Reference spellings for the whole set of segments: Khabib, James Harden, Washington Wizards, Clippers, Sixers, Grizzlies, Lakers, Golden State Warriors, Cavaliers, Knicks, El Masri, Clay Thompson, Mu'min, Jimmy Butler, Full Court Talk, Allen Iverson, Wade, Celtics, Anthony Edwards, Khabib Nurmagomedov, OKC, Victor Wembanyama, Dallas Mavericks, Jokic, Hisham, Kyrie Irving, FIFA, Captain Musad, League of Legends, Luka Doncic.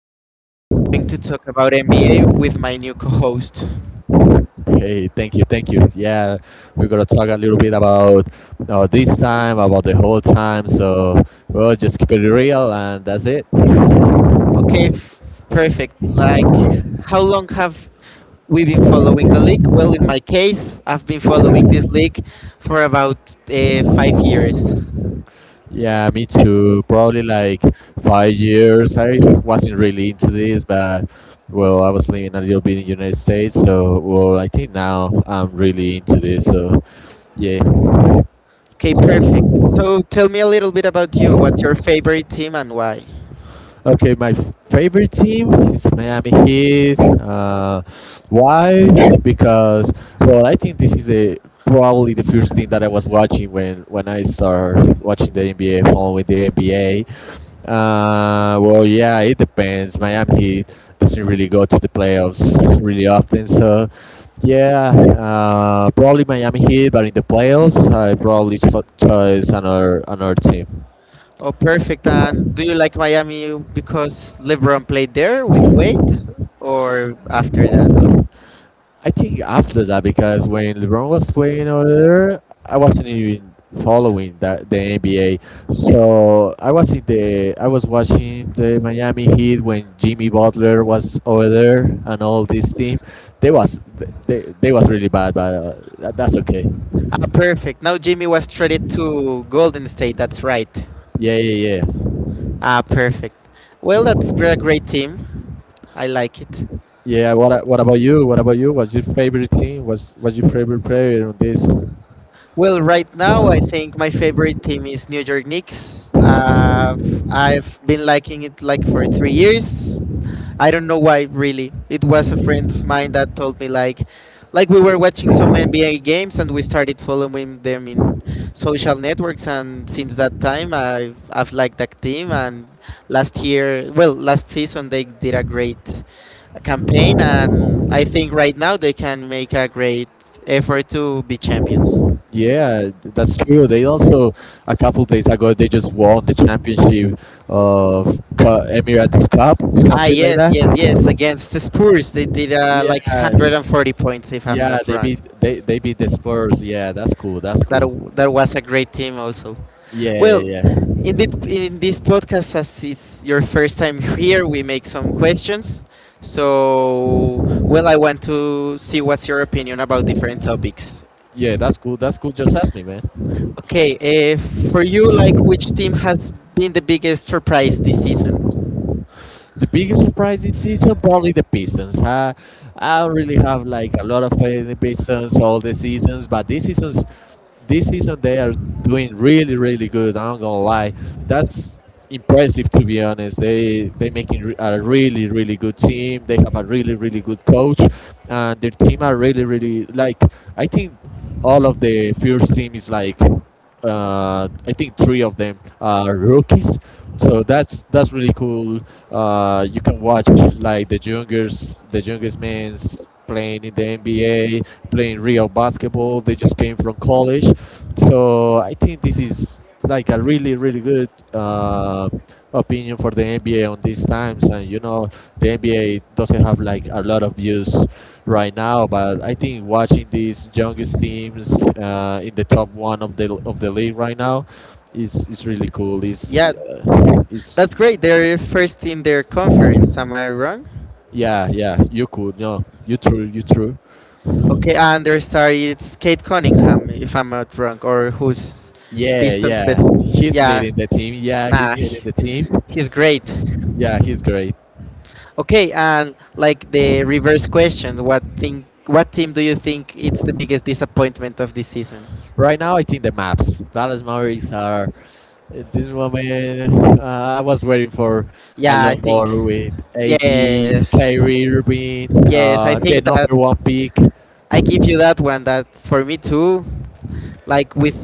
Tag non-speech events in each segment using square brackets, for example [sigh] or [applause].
which we are going to talk about NBA with my new co host. Hey, thank you, thank you. Yeah, we're gonna talk a little bit about this time, about the whole time. So we'll just keep it real, and that's it. Okay, f- Perfect. Like, how long have we been following the league? Well, in my case, I've been following this league for about 5 years. Yeah, me too. Probably like 5 years. I wasn't really into this, but well, I was living a little bit in the United States, so well, I think now I'm really into this. So yeah. Okay, perfect. So, tell me a little bit about you. What's your favorite team and why? Okay, my favorite team is Miami Heat. Why? Because well, I think this is the probably the first thing that I was watching when I started watching the NBA, following the NBA. Yeah, it depends. Miami Heat doesn't really go to the playoffs really often, so yeah, probably Miami Heat. But in the playoffs, I probably choose another team. Oh, perfect. And do you like Miami because LeBron played there with Wade or after that? I think after that because when LeBron was playing over there, I wasn't even following that the NBA. So I was in the I was watching the Miami Heat when Jimmy Butler was over there and all this team. They was they was really bad, but that's okay. Ah, perfect. Now Jimmy was traded to Golden State. That's right. Yeah, yeah, yeah, Ah, perfect. Well, a great team. I like it. yeah. What about you? What about you? What's your favorite team? What's your favorite player on this? Well, right now I think my favorite team is New York Knicks. I've been liking it like for 3 years. I don't know why really. It was a friend of mine that told me like we were watching some NBA games and we started following them in social networks, and since that time I've liked that team. And last year, well, last season they did a great campaign, and I think right now they can make a great effort to be champions. Yeah, that's true. They also a couple days ago they just won the championship of Emirates Cup, Ah, something like yes, that. yes, yes, against the Spurs they did like Yeah, 140 points if I'm yeah, not wrong. They beat the Spurs. Yeah, that's cool. That's that cool. w- that was a great team also. Yeah, yeah, Well, yeah. in this podcast, as it's your first time here, we make some questions. So, well, I want to see what's your opinion about different topics. Yeah, that's cool. That's cool. Just ask me, man. Okay, for you, like which team has been the biggest surprise this season? The biggest surprise this season, probably the Pistons. I don't really have like a lot of faith in the Pistons all the seasons, but this season they are doing really really good. I'm not gonna lie, that's impressive to be honest. They making a really really good team. They have a really really good coach, and their team are really really like I think all of the first team is like I think three of them are rookies. So that's really cool. You can watch like the youngest men's playing in the NBA, playing real basketball. They just came from college. So I think this is like a really really good opinion for the NBA on these times. And you know, the NBA doesn't have like a lot of views right now, but I think watching these youngest teams in the top one of the league right now is really cool. Yeah, Is that's great. They're first in their conference. Am I wrong? Yeah, yeah, you could, no, you true, you true. Okay, and their star is Kate Cunningham, if I'm not wrong, or who's Yeah, Pistons yeah, best? he's Yeah, leading the team. Yeah, he's Nah, leading he- the team. he's great. Yeah, he's great. Okay, and like the reverse question, what thing, what team do you think it's the biggest disappointment of this season? Right now, I think the maps. Dallas Mavericks are. At this moment, I was waiting for a Yeah, I lot think. more with AD, Yes, Kyrie Irving, yes, I the think number that one pick. I give you that one. That for me too. Like with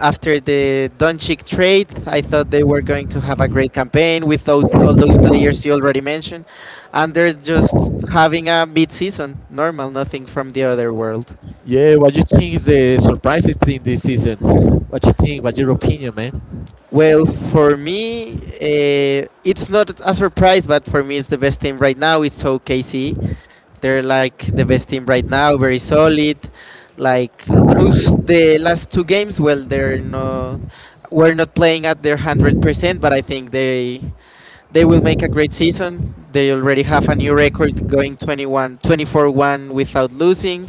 after the Doncic trade, I thought they were going to have a great campaign with all those players you already mentioned, and they're just having a mid-season, normal, nothing from the other world. Yeah, what you think is the surprising thing this season? What you think? What's your opinion, man? Well, for me, it's not a surprise, but for me, it's the best team right now. It's OKC. They're like the best team right now, very solid. Like those, the last two games, well, they're no, we're not playing at their 100%, but I think they will make a great season. They already have a new record going 21, 24-1 without losing.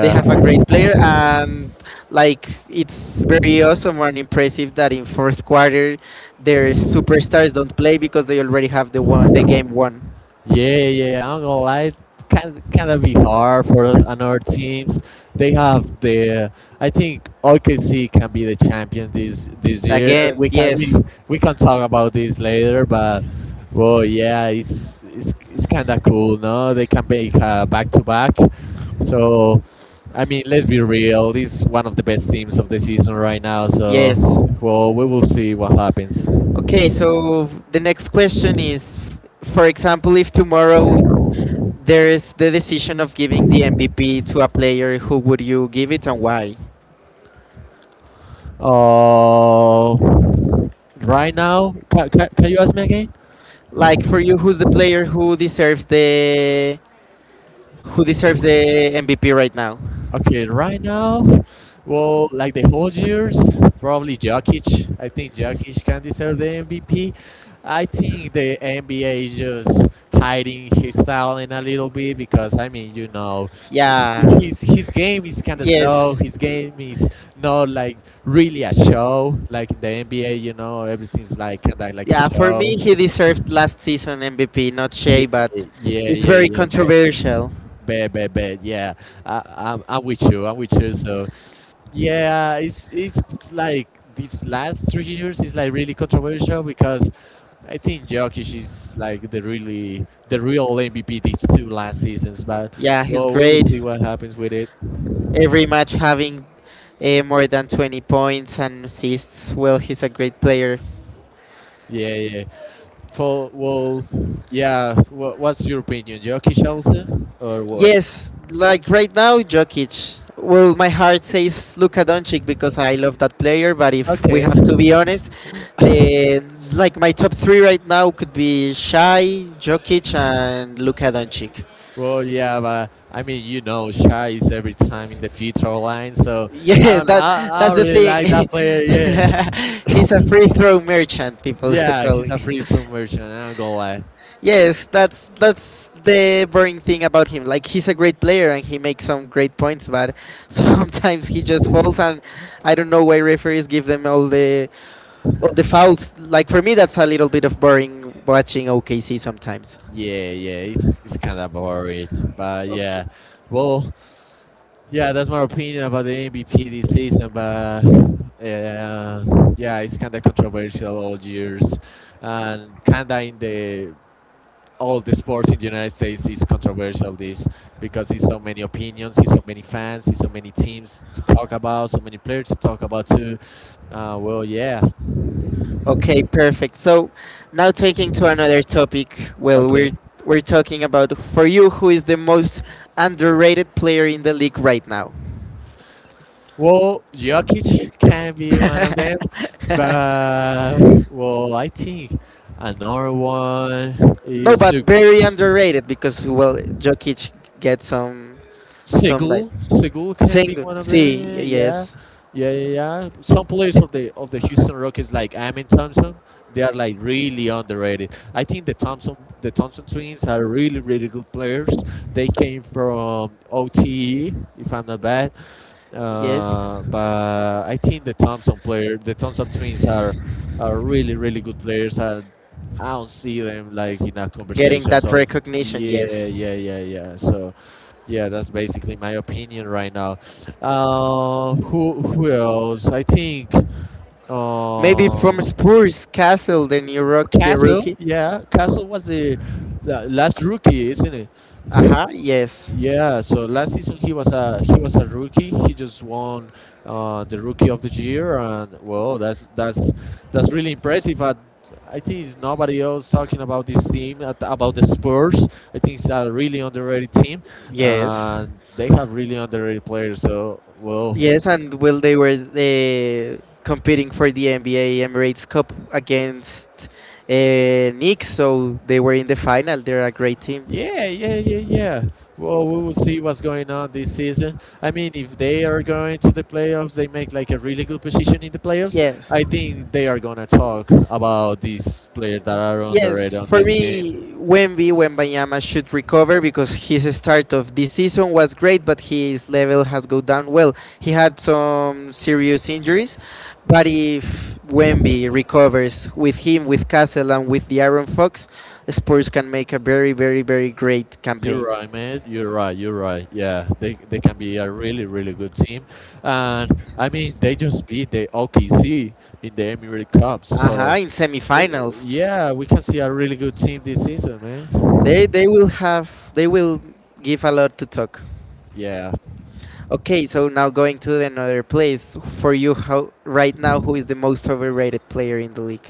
They have a great player, and like it's very awesome and impressive that in fourth quarter their superstars don't play because they already have the game won. Yeah, yeah, yeah, I'm gonna lie. It can kind of be hard for another teams. They have the. I think OKC can be the champion this year. Again, yes. We can talk about this later, but well, yeah, it's kind of cool, no? They can make a back to back. So, I mean, let's be real. This is one of the best teams of the season right now. So, Yes. well, we will see what happens. Okay, so the next question is, for example, if tomorrow there is the decision of giving the MVP to a player, who would you give it and why? Oh. Right now, can you ask me again? Like for you, who's the player who deserves the MVP right now? Okay, right now, well, like the whole years, probably Jokic. I think Jokic can deserve the MVP. I think the NBA is just hiding his talent a little bit because I mean, you know, Yeah. His game is kind of slow. Yes. His game is not like really a show. Like in the NBA, you know, everything's like kind of like a Yeah. For show. me, he deserved last season MVP, not Yeah, Shea, but yeah, it's yeah, very yeah. But controversial. bad, bad, bad. Yeah, I'm with you. I'm with you. So, yeah, it's like these last 3 years is like really controversial because I think Jokic is like the real MVP these two last seasons. But Yeah, he's well, we will great. see what happens with it. Every match having more than 20 points and assists. Well, he's a great player. Yeah, yeah. For well, yeah. What's your opinion, Jokic also or what? Yes, like right now, Jokic. Well, my heart says Luka Doncic because I love that player. But if we Okay. have to be honest, the like my top three right now could be Shai, Jokic, and Luka Doncic. [laughs] Well, yeah, but I mean, you know, Shy is every time in the free throw line, so I Yes, don't. I that's the really thing. like that player. Yeah, [laughs] He's a free throw merchant. People [laughs] yeah, call he's him. a free throw merchant. I don't go lie. Yes, that's the boring thing about him. Like he's a great player and he makes some great points, but [laughs] sometimes he just falls, and I don't know why referees give them all the fouls. Like for me, that's a little bit of boring watching OKC sometimes. Yeah, yeah, it's kind of boring, but Okay, yeah, well, yeah, that's my opinion about the MVP this season. But yeah, yeah, yeah, it's kind of controversial all years, and kind of in the all the sports in the United States is controversial this because it's so many opinions, it's so many fans, it's so many teams to talk about, so many players to talk about too. Uh, well, yeah, okay, perfect. So now taking to another topic. Well, we're okay. we're talking about, for you, who is the most underrated player in the league right now. Well, Jokic can be one of them, [laughs] but well, I think another one No, is but very underrated because well, Jokic gets some like Sigil, Sigil can be single. one of them. See, Yeah, yes, yeah, yeah, yeah. Some players of the Houston Rockets, like Amin Thompson, they are like really underrated. I think the Thompson twins are really really good players. They came from OTE, if I'm not bad. yes, But I think the Thompson twins are really really good players. And I don't see them like in a getting conversation. that So recognition. yeah, Yes, yeah, yeah, yeah. So. Yeah, that's basically my opinion right now. Who else? I think maybe uh, from Spurs Castle, the Castle. rookie. Yeah, Castle was the last rookie, isn't it? Uh huh. Yes, Yeah, so last season he was a rookie. He just won the rookie of the year, and well, that's really impressive. I think it's nobody else talking about this team about the Spurs. I think it's a really underrated team, yes, and they have really underrated players. So well, yes. And well, they were competing for the NBA Emirates Cup against Knicks, so they were in the final. They're a great team. yeah, yeah, yeah, yeah. Well, we will see what's going on this season. I mean, if they are going to the playoffs, they make like a really good position in the playoffs. Yes. I think they are gonna talk about these players that are underrated Yes, on for this team. me, Wemby Wembanyama should recover because his start of this season was great, but his level has go down. Well, he had some serious injuries, but if Wemby recovers with him, with Castle, and with the Aaron Fox, Spurs can make a very, very, very great You're campaign. right, man. You're right. You're right. Yeah, they can be a really really good team, and I mean they just beat the OKC in the Emirates Cup. Uh huh. So, In semifinals, yeah, we can see a really good team this season, man. they will give a lot to talk. Yeah. Okay, so now going to another place, for you. How right now? Who is the most overrated player in the league?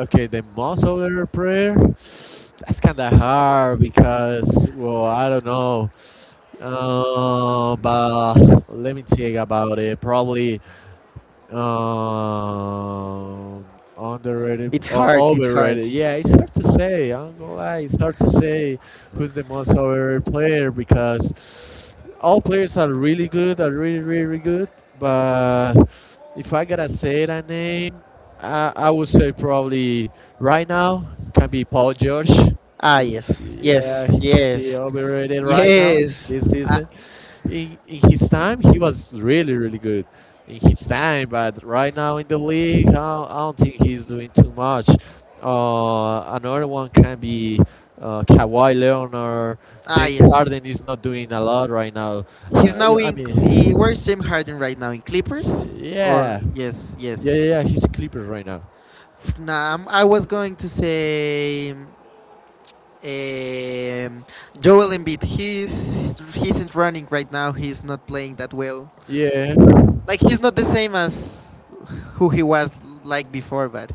Okay, the Passover prayer. That's kind of hard because, well, I don't know. But let me think about it. Probably um, It's hard. It's hard. overrated. Yeah, it's hard to say. I'm gonna lie, it's hard to say who's the most overrated player because all players are really good, are really, really, really good. But if I gotta say that name, I would say probably right now can be Paul George. Ah, Is yes, yeah, yes, he can be yes, overrated right now yes. this Ah, season in his time he was really really good in his time but right now in the league I don't think he's doing too much. Another one can be Kawhi Leonard. ah, James yes. Harden is not doing a lot right now. uh, He's now I in. mean Where's James Harden right now? In Clippers? yeah, Or yes, yeah, yeah, yes. yeah, he's a Clippers right now. Nah, I was going to say um, Joel Embiid. He's isn't running right now. He's not playing that well. yeah Like he's not the same as who he was like before, but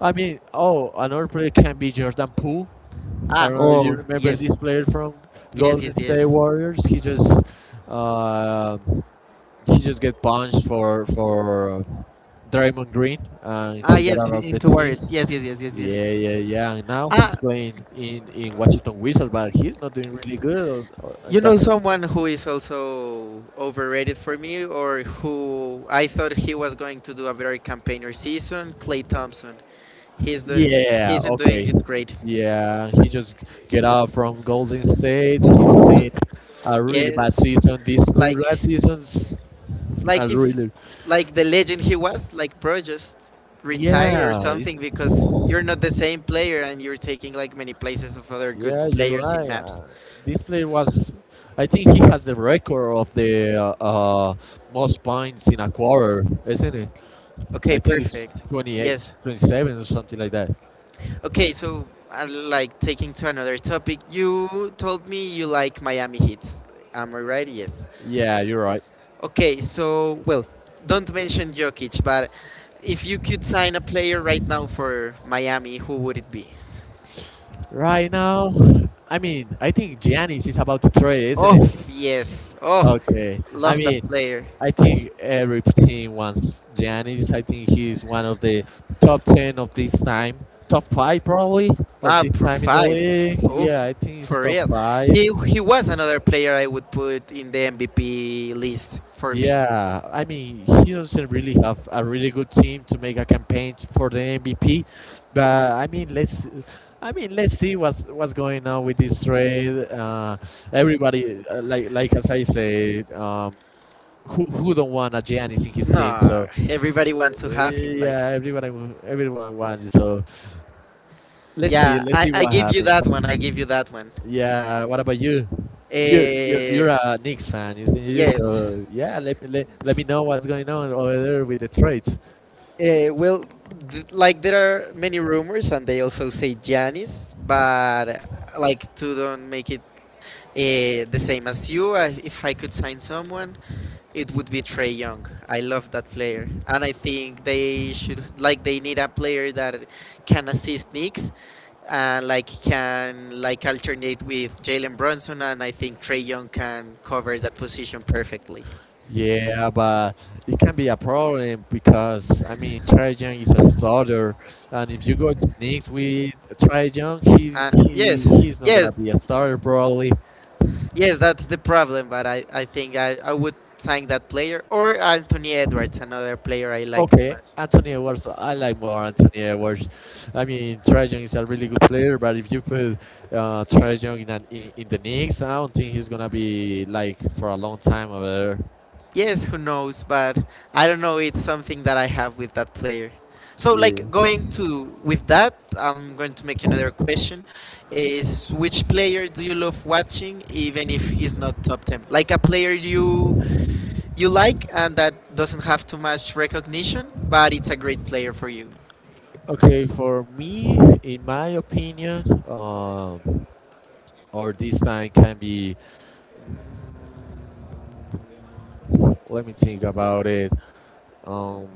I mean, oh, another player can be Jordan Poole. I ah, don't know if you oh remember yes, this player from yes, Golden yes, State yes, Warriors. He just uh, he just get punched for Draymond Green, and ah he got yes, out of the into team. warriors, yes, yes, yes, yes, Yeah, yes. yeah, yeah. And now he's Ah, playing in Washington Wizards, but he's not doing really good you on know that team. someone who is also overrated for me, or who I thought he was going to do a better campaigner season? Clay Thompson. He's doing he Yeah, isn't doing okay. it great. Yeah, he just get out from Golden State. He's playing a really bad Yes, season. These two like last seasons like are if really like the legend he was, like, Pro just retire or yeah. something, It's because you're not the same player and you're taking like many places of other good yeah, you're players in right. maps. This player was, I think he has the record of the most points in a quarter, isn't it? Okay, I think it's perfect. 28, Yes. 27, or something like that. Okay, so like taking to another topic, you told me you like Miami Hits, am I right? Yes. Yeah, you're right. Okay, so well, don't mention Jokic, but if you could sign a player right now for Miami, who would it be? Right now, I mean, I think Giannis is about to trade, isn't it? Oh yes, oh, Okay. I love that mean, player. I think every team wants Giannis. I think he's one of the top 10 of this time. Top 5 probably of Not this for time in the five. league. Yeah, Oof, I think he's for top real. 5. He was another player I would put in the MVP list for me. Yeah, I mean, he doesn't really have a really good team to make a campaign for the MVP, but I mean, I mean, let's see what's going on with this trade. Everybody, like as I say, who don't want a Giannis in his team? No, So everybody wants to have him. yeah, Like, everyone wants. So yeah, let's see I what give you that happens. one. I give you that one. Yeah, what about you? Uh, You're a Knicks fan, isn't you? yes. So yeah, let let me know what's going on over there with the trades. Well, like there are many rumors, and they also say Giannis, but like two don't make it, the same as you. If I could sign someone, it would be Trey Young. I love that player, and I think they should, like they need a player that can assist Knicks and like can like alternate with Jalen Brunson, and I think Trey Young can cover that position perfectly. Yeah, but it can be a problem because Trae Young is a starter, and if you go to Knicks with Trae Young, he he Yes, he's not yes, gonna be a starter probably. yes. That's the problem, but I think I would sign that player or Anthony Edwards, another player I like too Okay, much. Anthony Edwards. I like more Anthony Edwards. I mean, Trae Young is a really good player, but if you put Trae Young in, an, in the Knicks, I don't think he's gonna be like for a long time over there. Yes, who knows, but I don't know. It's something that I have with that player. So, Yeah. like going to with that, I'm going to make another question: is, which player do you love watching, even if he's not top ten? Like a player you like and that doesn't have too much recognition, but it's a great player for you. Okay, for me, in my opinion, or this time can be. Let me think about it. Um,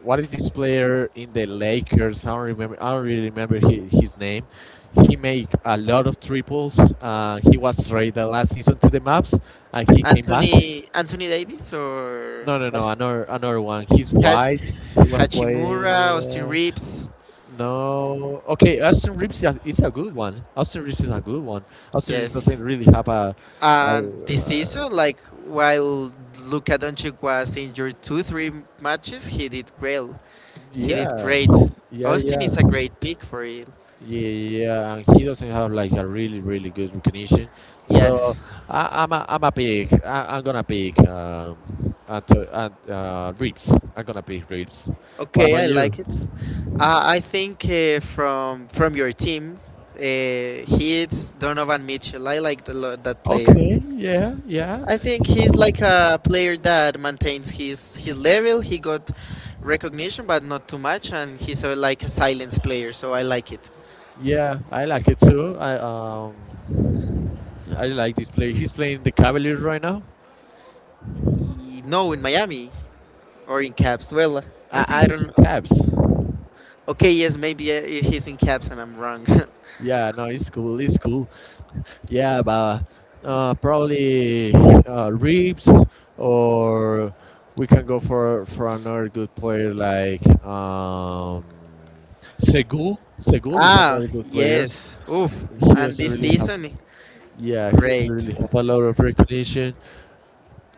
what is this player in the Lakers? I don't remember. I don't really remember his name. He made a lot of triples. He was traded last season to the Maps, and he came back. Anthony Davis or No, no, no. Os- Another one. He's Ha- white. He was Hachimura, Austin playing. Reeves. No. Okay, Austin Reeves is a good one. Austin Reeves is a good one. Austin Reeves Yes. doesn't really have a. And this a season, like while Luka Doncic was injured two, three matches, he did great. He did yeah, great. yeah, Austin yeah. is a great pick for it. Yeah, yeah, and he doesn't have like a really, really good recognition. So Yes. I, I'm a pick. I, I'm gonna pick Reeves. I'm gonna pick Reeves. What Okay, about I you? like it. I think from your team, he's Donovan Mitchell. I like that player. Okay, yeah, yeah, I think he's like a player that maintains his level. He got recognition, but not too much, and he's a, like a silence player. So I like it. yeah. I like it too. I like this player. He's playing the Cavaliers right now. No, in Miami or in Caps. Well, I think I he's in don't. Cavs. Okay, yes, maybe he's in Caps and I'm wrong. Yeah, no, it's cool. It's cool. Yeah, but probably Reeves, or we can go for another good player like Segul. [laughs] Segul is Ah, another good player. yes. Oof. He And doesn't this really have, season, yeah, he doesn't great. really have a lot of recognition.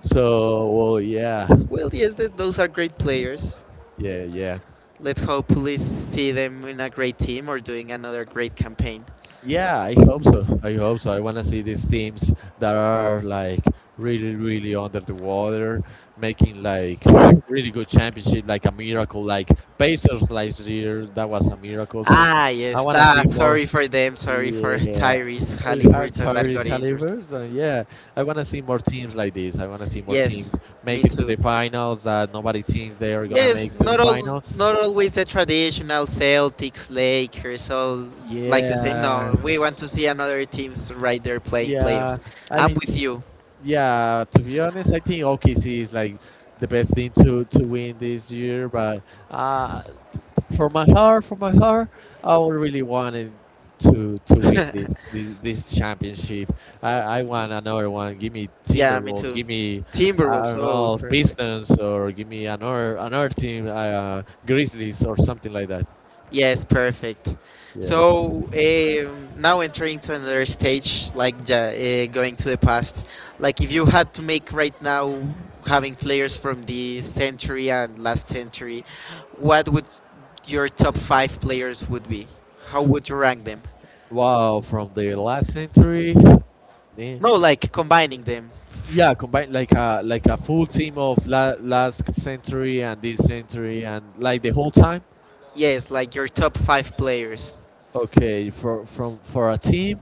So, well, yeah, Well, yes, those are great players. yeah, yeah. Let's hopefully see them in a great team or doing another great campaign. Yeah, I hope so. I hope so. I want to see these teams that are like really, really under the water, making like a really good championship, like a miracle, like Pacers last year. That was a miracle. So Ah, I yes. want to Ah, see more. sorry for them. Sorry for [laughs] Yeah, Tyrese Halliburton that Atari got injured. Salivers. Yeah, I want to see more teams like this. I want to see more Yes, teams make me it to the too. finals that nobody thinks they are gonna Yes, make to the finals. not always the traditional Celtics, Lakers, all like the same. Yeah, No, we want to see another teams right there playing yeah. playoffs. I I'm mean. with you. Yeah, to be honest, I think OKC is like the best thing to win this year. But uh, for my heart, I would really wanted to win [laughs] this championship. I I want another one. Give me Yeah, me Timberwolves. too. Give me I Timberwolves, don't oh, know perfect. Pistons or give me another team, Grizzlies or something like that. Yes, perfect. Yeah. So now entering to another stage, like going to the past. Like if you had to make right now, having players from this century and last century, what would your top five players would be? How would you rank them? Wow, from the last century. No, like combining them. Yeah, combine like a full team of last century and this century and like the whole time. Yes, like your top five players. Okay, for a team,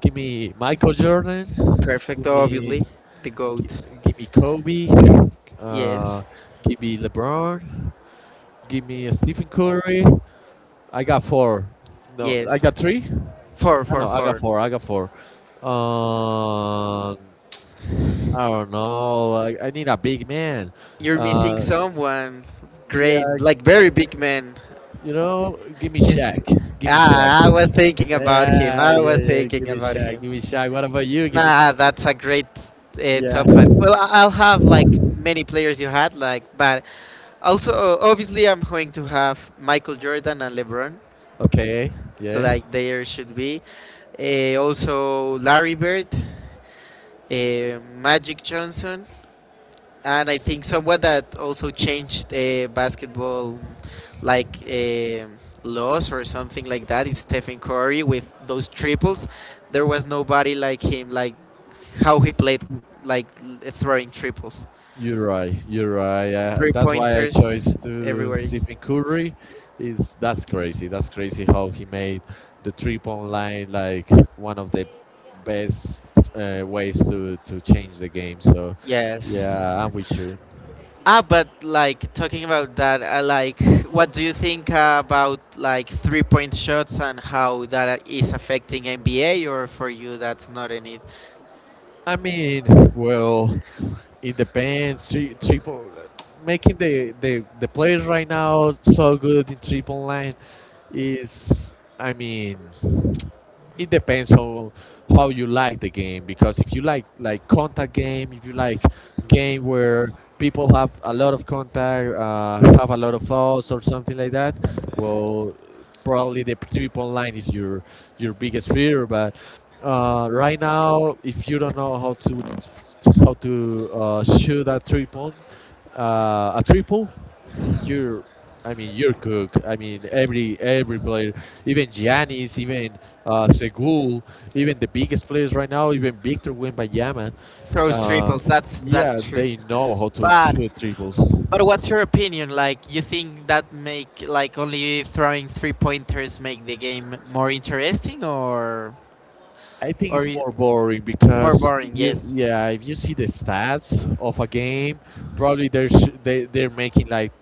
give me Michael Jordan, Perfect, give me obviously. The gi- goat. give me Kobe, uh Yes. give me LeBron, give me Stephen Curry. I got four. No, I Yes. got three. Four, I four, know I got four. four, I got four. um I don't know. I need a big man. You're missing uh someone yeah. great, like very big man. You know, give me He's Shaq. Give me ah, I was Shaq. thinking about him. Yeah, I yeah, was yeah. Give thinking me about Shaq. him. Give me Shaq. What about you? Give me. Nah, that's a great Yeah. top five. Well, I'll have like many players you had, like, but also obviously I'm going to have Michael Jordan and LeBron, Okay. Yeah. like there should be. Also Larry Bird, Magic Johnson, and I think someone that also changed basketball like laws or something like that is Stephen Curry with those triples. There was nobody like him, like how he played, throwing triples, You're right. You're right. Yeah. three That's why I chose pointers to everywhere. Stephen Curry. Is that's crazy. That's crazy how he made the 3 point line like one of the best ways to change the game. So Yes. yeah, I'm with you. Ah, but like talking about that, like what do you think about like three point shots and how that is affecting NBA, or for you that's not any I mean, well, it depends. Triple making the players right now so good in triple line is, I mean, it depends on how you like the game, because if you like contact game, if you like game where people have a lot of contact, have a lot of fouls or something like that, well, probably the 3 point line is your biggest fear. But right now, if you don't know how to shoot a triple a triple, you're, I mean, you're cook. I mean every player, even Giannis, even Segul, even the biggest players right now, even Victor Wembanyama. throws Uh, triples. That's yeah, that's true. they know how to But shoot triples. but what's your opinion? Like, you think that make like only throwing three pointers make the game more interesting or I think or it's i- more boring more because if boring? you Yes. yeah, if you see the stats of a game, probably they're sh- they they're making like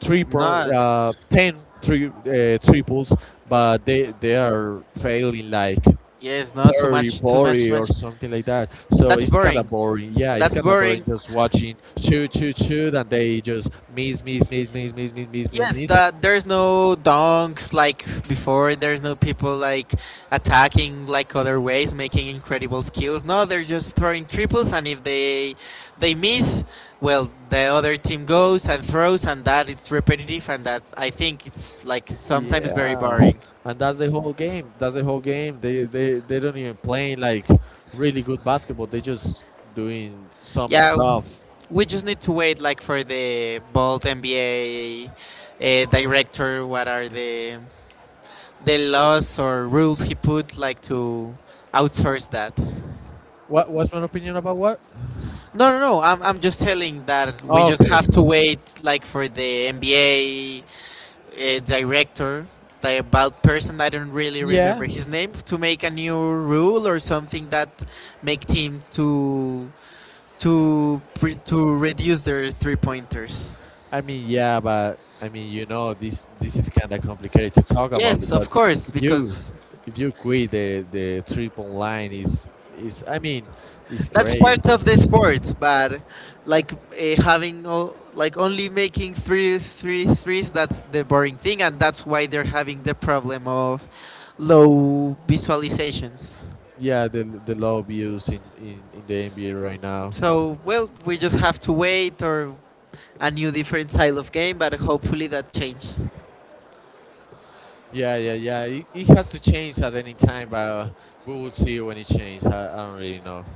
three pro Not 10 three triples, but they are failing like yes. Not too 30, much. Too much. 40, or Much. something like that. So That's it's kind of boring. boring, yeah, it's That's kind of boring, boring. just watching shoot shoot shoot and they just miss miss miss miss miss miss miss miss Yes, miss. that there's no donks like before. There's no people like attacking like other ways, making incredible skills. No, they're just throwing triples, and if they miss, well, the other team goes and throws, and that it's repetitive, and that I think it's like sometimes very Yeah, boring. and that's the whole game, that's the whole game. They they don't even play like really good basketball, they just doing some Yeah, stuff. we just need to wait like for the Bolt NBA director. What are the laws or rules he put like to outsource that? What what's my opinion about what? No, no, no. I'm just telling that we just Okay, have to wait, like, for the NBA director, the about person. I don't really remember yeah. his name to make a new rule or something that make teams to to reduce their three pointers. I mean, yeah, but I mean, you know, this is kind of complicated to talk about, Yes, of because course, if you because if you quit the trip online is, I mean, it's that's part crazy. of the sport, but like having all like only making threes threes threes, that's the boring thing, and that's why they're having the problem of low visualizations. Yeah, the low views in the NBA right now. So, well, we just have to wait or a new different style of game, but hopefully that changes. Yeah, yeah, yeah. It has to change at any time, but we will see when it changes. I don't really know.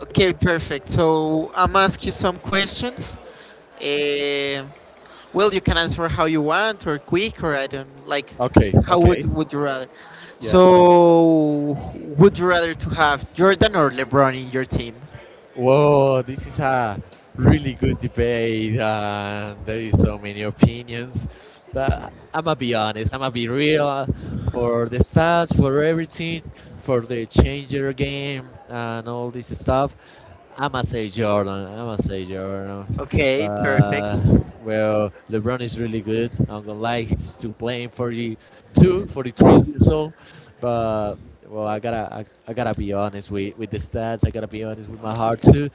Okay, perfect. So I'm ask you some questions. Eh, well, you can answer how you want or quick or I don't like Okay, how okay. would you rather? Yeah. So would you rather to have Jordan or LeBron in your team? Whoa, this is a really good debate. There is so many opinions, but I'm gonna be honest. I'm gonna be real. For the stats, for everything, for the changer game and all this stuff, I'm gonna say Jordan. I'm gonna say Jordan. Okay, perfect. But well, LeBron is really good. I'm gonna like he's to playing 42, 43 years old, but well, I gotta be honest with the stats. I gotta be honest with my heart too.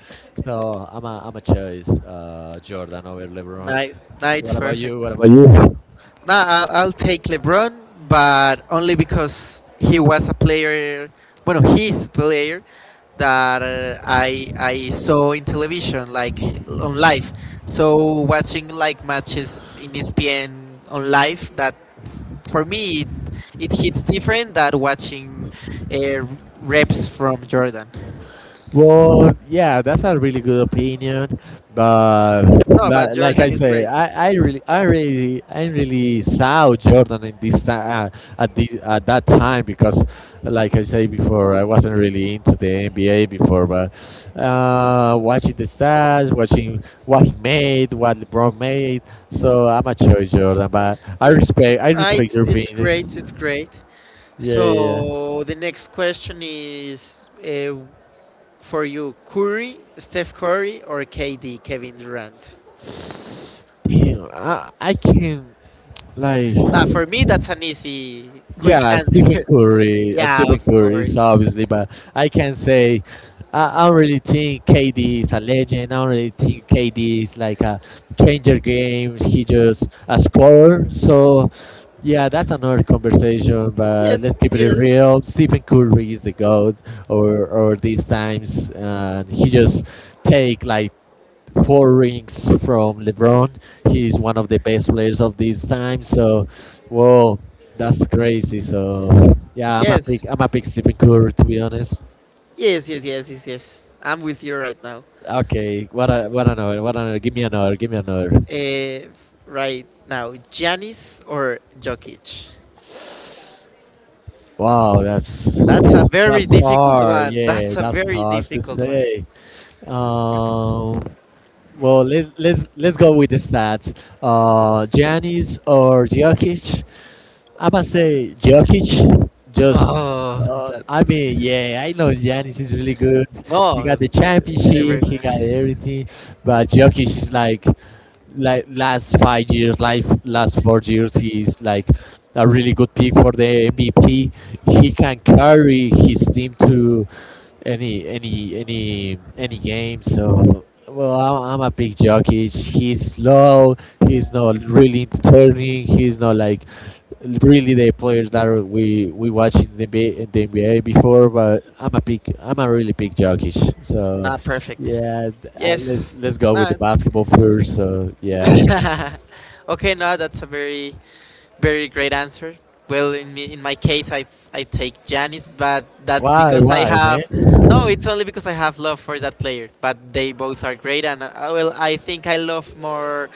So I'm a choice, Jordan over LeBron. Nice, nice, What about you? perfect. What about you? Nah, I'll take LeBron, but only because he was a player. Bueno, he's a player that I saw in television, like on live. So watching like matches in ESPN on live, that for me it, it hits different than watching uh, reps from Jordan. Well, yeah, that's a really good opinion, but No, but like Jordan I is say, great. I really saw Jordan in this at this at that time because, like I say before, I wasn't really into the NBA before, but watching the stats, watching what he made, what LeBron made, so I'm a choice Jordan, but Yes, I ah, respect it's your it's great. It's opinion. great. Yeah, yeah, So the next question is for you: Curry, Steph Curry, or KD, Kevin Durant? yeah. Damn, I can like. Ah, for me, that's an easy, quick Yeah, Stephen answer. [laughs] Curry, Yeah, Stephen of Curry is course. obviously, but I can say I don't really think KD is a legend. I don't really think KD is like a changer game. He just a scorer. So yeah, that's another conversation. But let's Yes, keep it yes, real. Stephen Curry is the goat, or these times, and he just take like four rings from LeBron. He is one of the best players of this time. So, whoa, that's crazy. So, yeah, yes, I'm a big Stephen Curry, to be honest. yes, yes, yes, yes, yes. I'm with you right now. Okay, what another? Give me another, give me another. Uh, right now, Giannis or Jokic? Wow, That's a very that's difficult hard. one. Yeah, That's a that's very hard to difficult one. say. Um, well, let's go with the stats. Giannis or Jokic? I'm gonna say Jokic. Oh, that I mean, yeah, I know Giannis is really good. He got no, the championship, he got everyone. [laughs] everything, but Jokic is like last 5 years, like last 4 years, he's like a really good pick for the MVP. He can carry his team to any game. So well, I'm a big jockey. He's slow. He's not really turning. He's not like really the players that are- we watched in the NBA, in the NBA before. But I'm a really big jockey. So Not perfect. yeah, Yes. let's go with the Not. basketball first. So yeah, [laughs] Okay, no, that's a very, very great answer. Well, in me, in my case, I take Janis, but that's because I why have. No, it's man? only because I have love for that player. But they both are great, and well, I think I love more,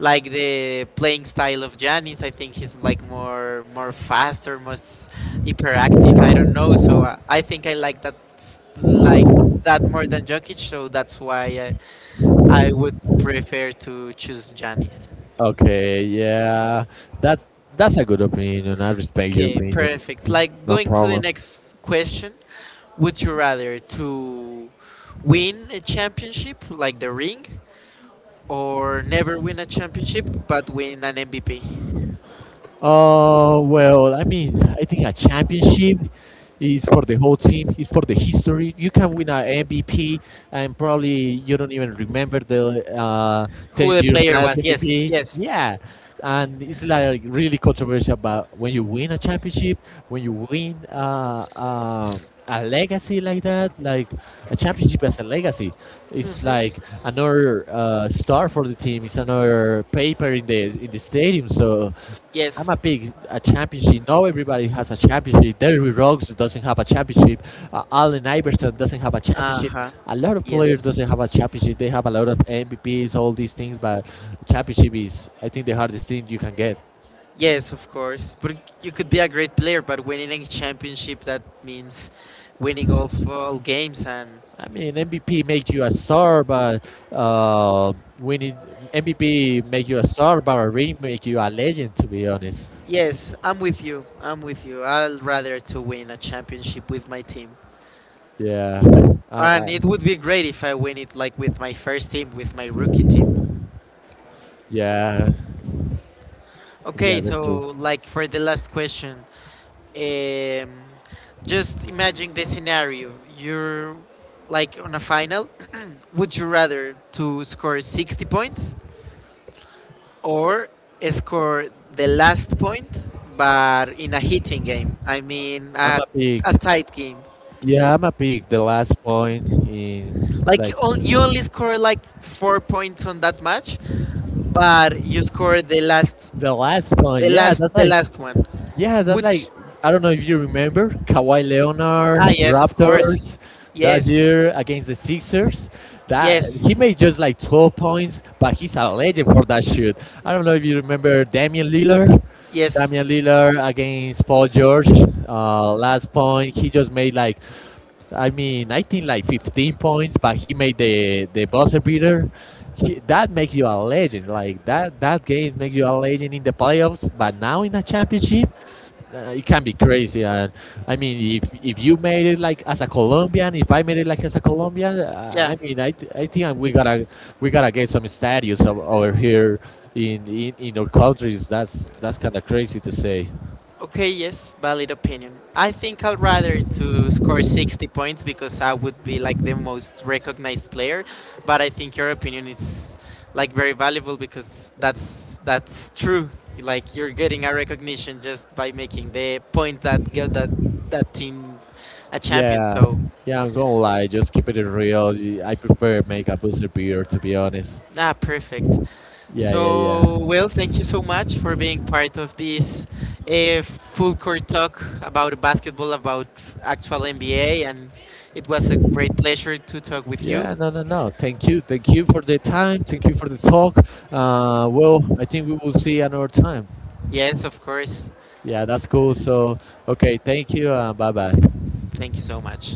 like the playing style of Janis. I think he's like more, more faster, more hyperactive. I don't know, so I think I like that more than Jokic. So that's why I would prefer to choose Janice. Okay, yeah, that's a good opinion. I respect your Okay, opinion. perfect. Like No going to the problem. next question, would you rather to win a championship like the ring or never win a championship but win an MVP? Well, I mean, I think a championship is for the whole team. It's for the history. You can win an MVP, and probably you don't even remember the Who ten the years player last was? Yes, MVP. yes, Yeah, and it's like really controversial. But when you win a championship, when you win a legacy like that, like a championship as a legacy, it's like another star for the team. It's another paper in the stadium. So I'm yes. a big a championship. Now everybody has a championship. Derry Roggs doesn't have a championship. Allen Iverson doesn't have a championship. Uh-huh. A lot of Yes. players doesn't have a championship. They have a lot of MVPs, all these things, but championship is, I think, the hardest thing you can get. Yes, of course. But you could be a great player, but winning a championship that means winning all games and I mean, MVP makes you a star, but uh, winning MVP make you a star, but a ring make you a legend. To be honest, yes, I'm with you. I'm with you. I'd rather to win a championship with my team. yeah, uh, And uh, it would be great if I win it like with my first team, with my rookie team. yeah, yeah, Okay, that's true. so like for the last question, um, just imagine the scenario. You're like on a final. Would you rather to score 60 points or score the last point, but in a hitting game? I mean, I'm a a big tight game. Yeah, I'm a pig. The last point in Like like you only score like 4 points on that match, but you score the last point. The last one. Yeah, that's like Which I don't know if you remember Kawhi Leonard, ah yes, of course, Raptors that yes, year against the Sixers. That yes, he made just like 12 points, but he's a legend for that shoot. I don't know if you remember Damian Lillard. yes, Damian Lillard against Paul George. Last point, he just made like I mean, I think like 15 points, but he made the buzzer beater. That makes you a legend. Like that that game makes you a legend in the playoffs. But now in a championship, it can be crazy. And I mean, if you made it like as a Colombian, if I made it like as a Colombian, yeah. I think we gotta get some statues over here in our countries. That's kind of crazy to say. Okay, yes, valid opinion. I think I'd rather to score 60 points because I would be like the most recognized player, but I think your opinion is like very valuable because that's true. Like you're getting a recognition just by making the point that got that team a champion. Yeah, So, yeah, I'm gonna lie, just keep it real. I prefer make a booster beer, to be honest. ah, perfect. Yeah, yeah, So, yeah. well, thank you so much for being part of this full court talk about basketball, about actual NBA, and it was a great pleasure to talk with you. Yeah, no, no, no. Thank you. Thank you for the time. Thank you for the talk. Well, I think we will see another time. Yes, of course. Yeah, that's cool. So, okay, thank you. Bye bye. Thank you so much.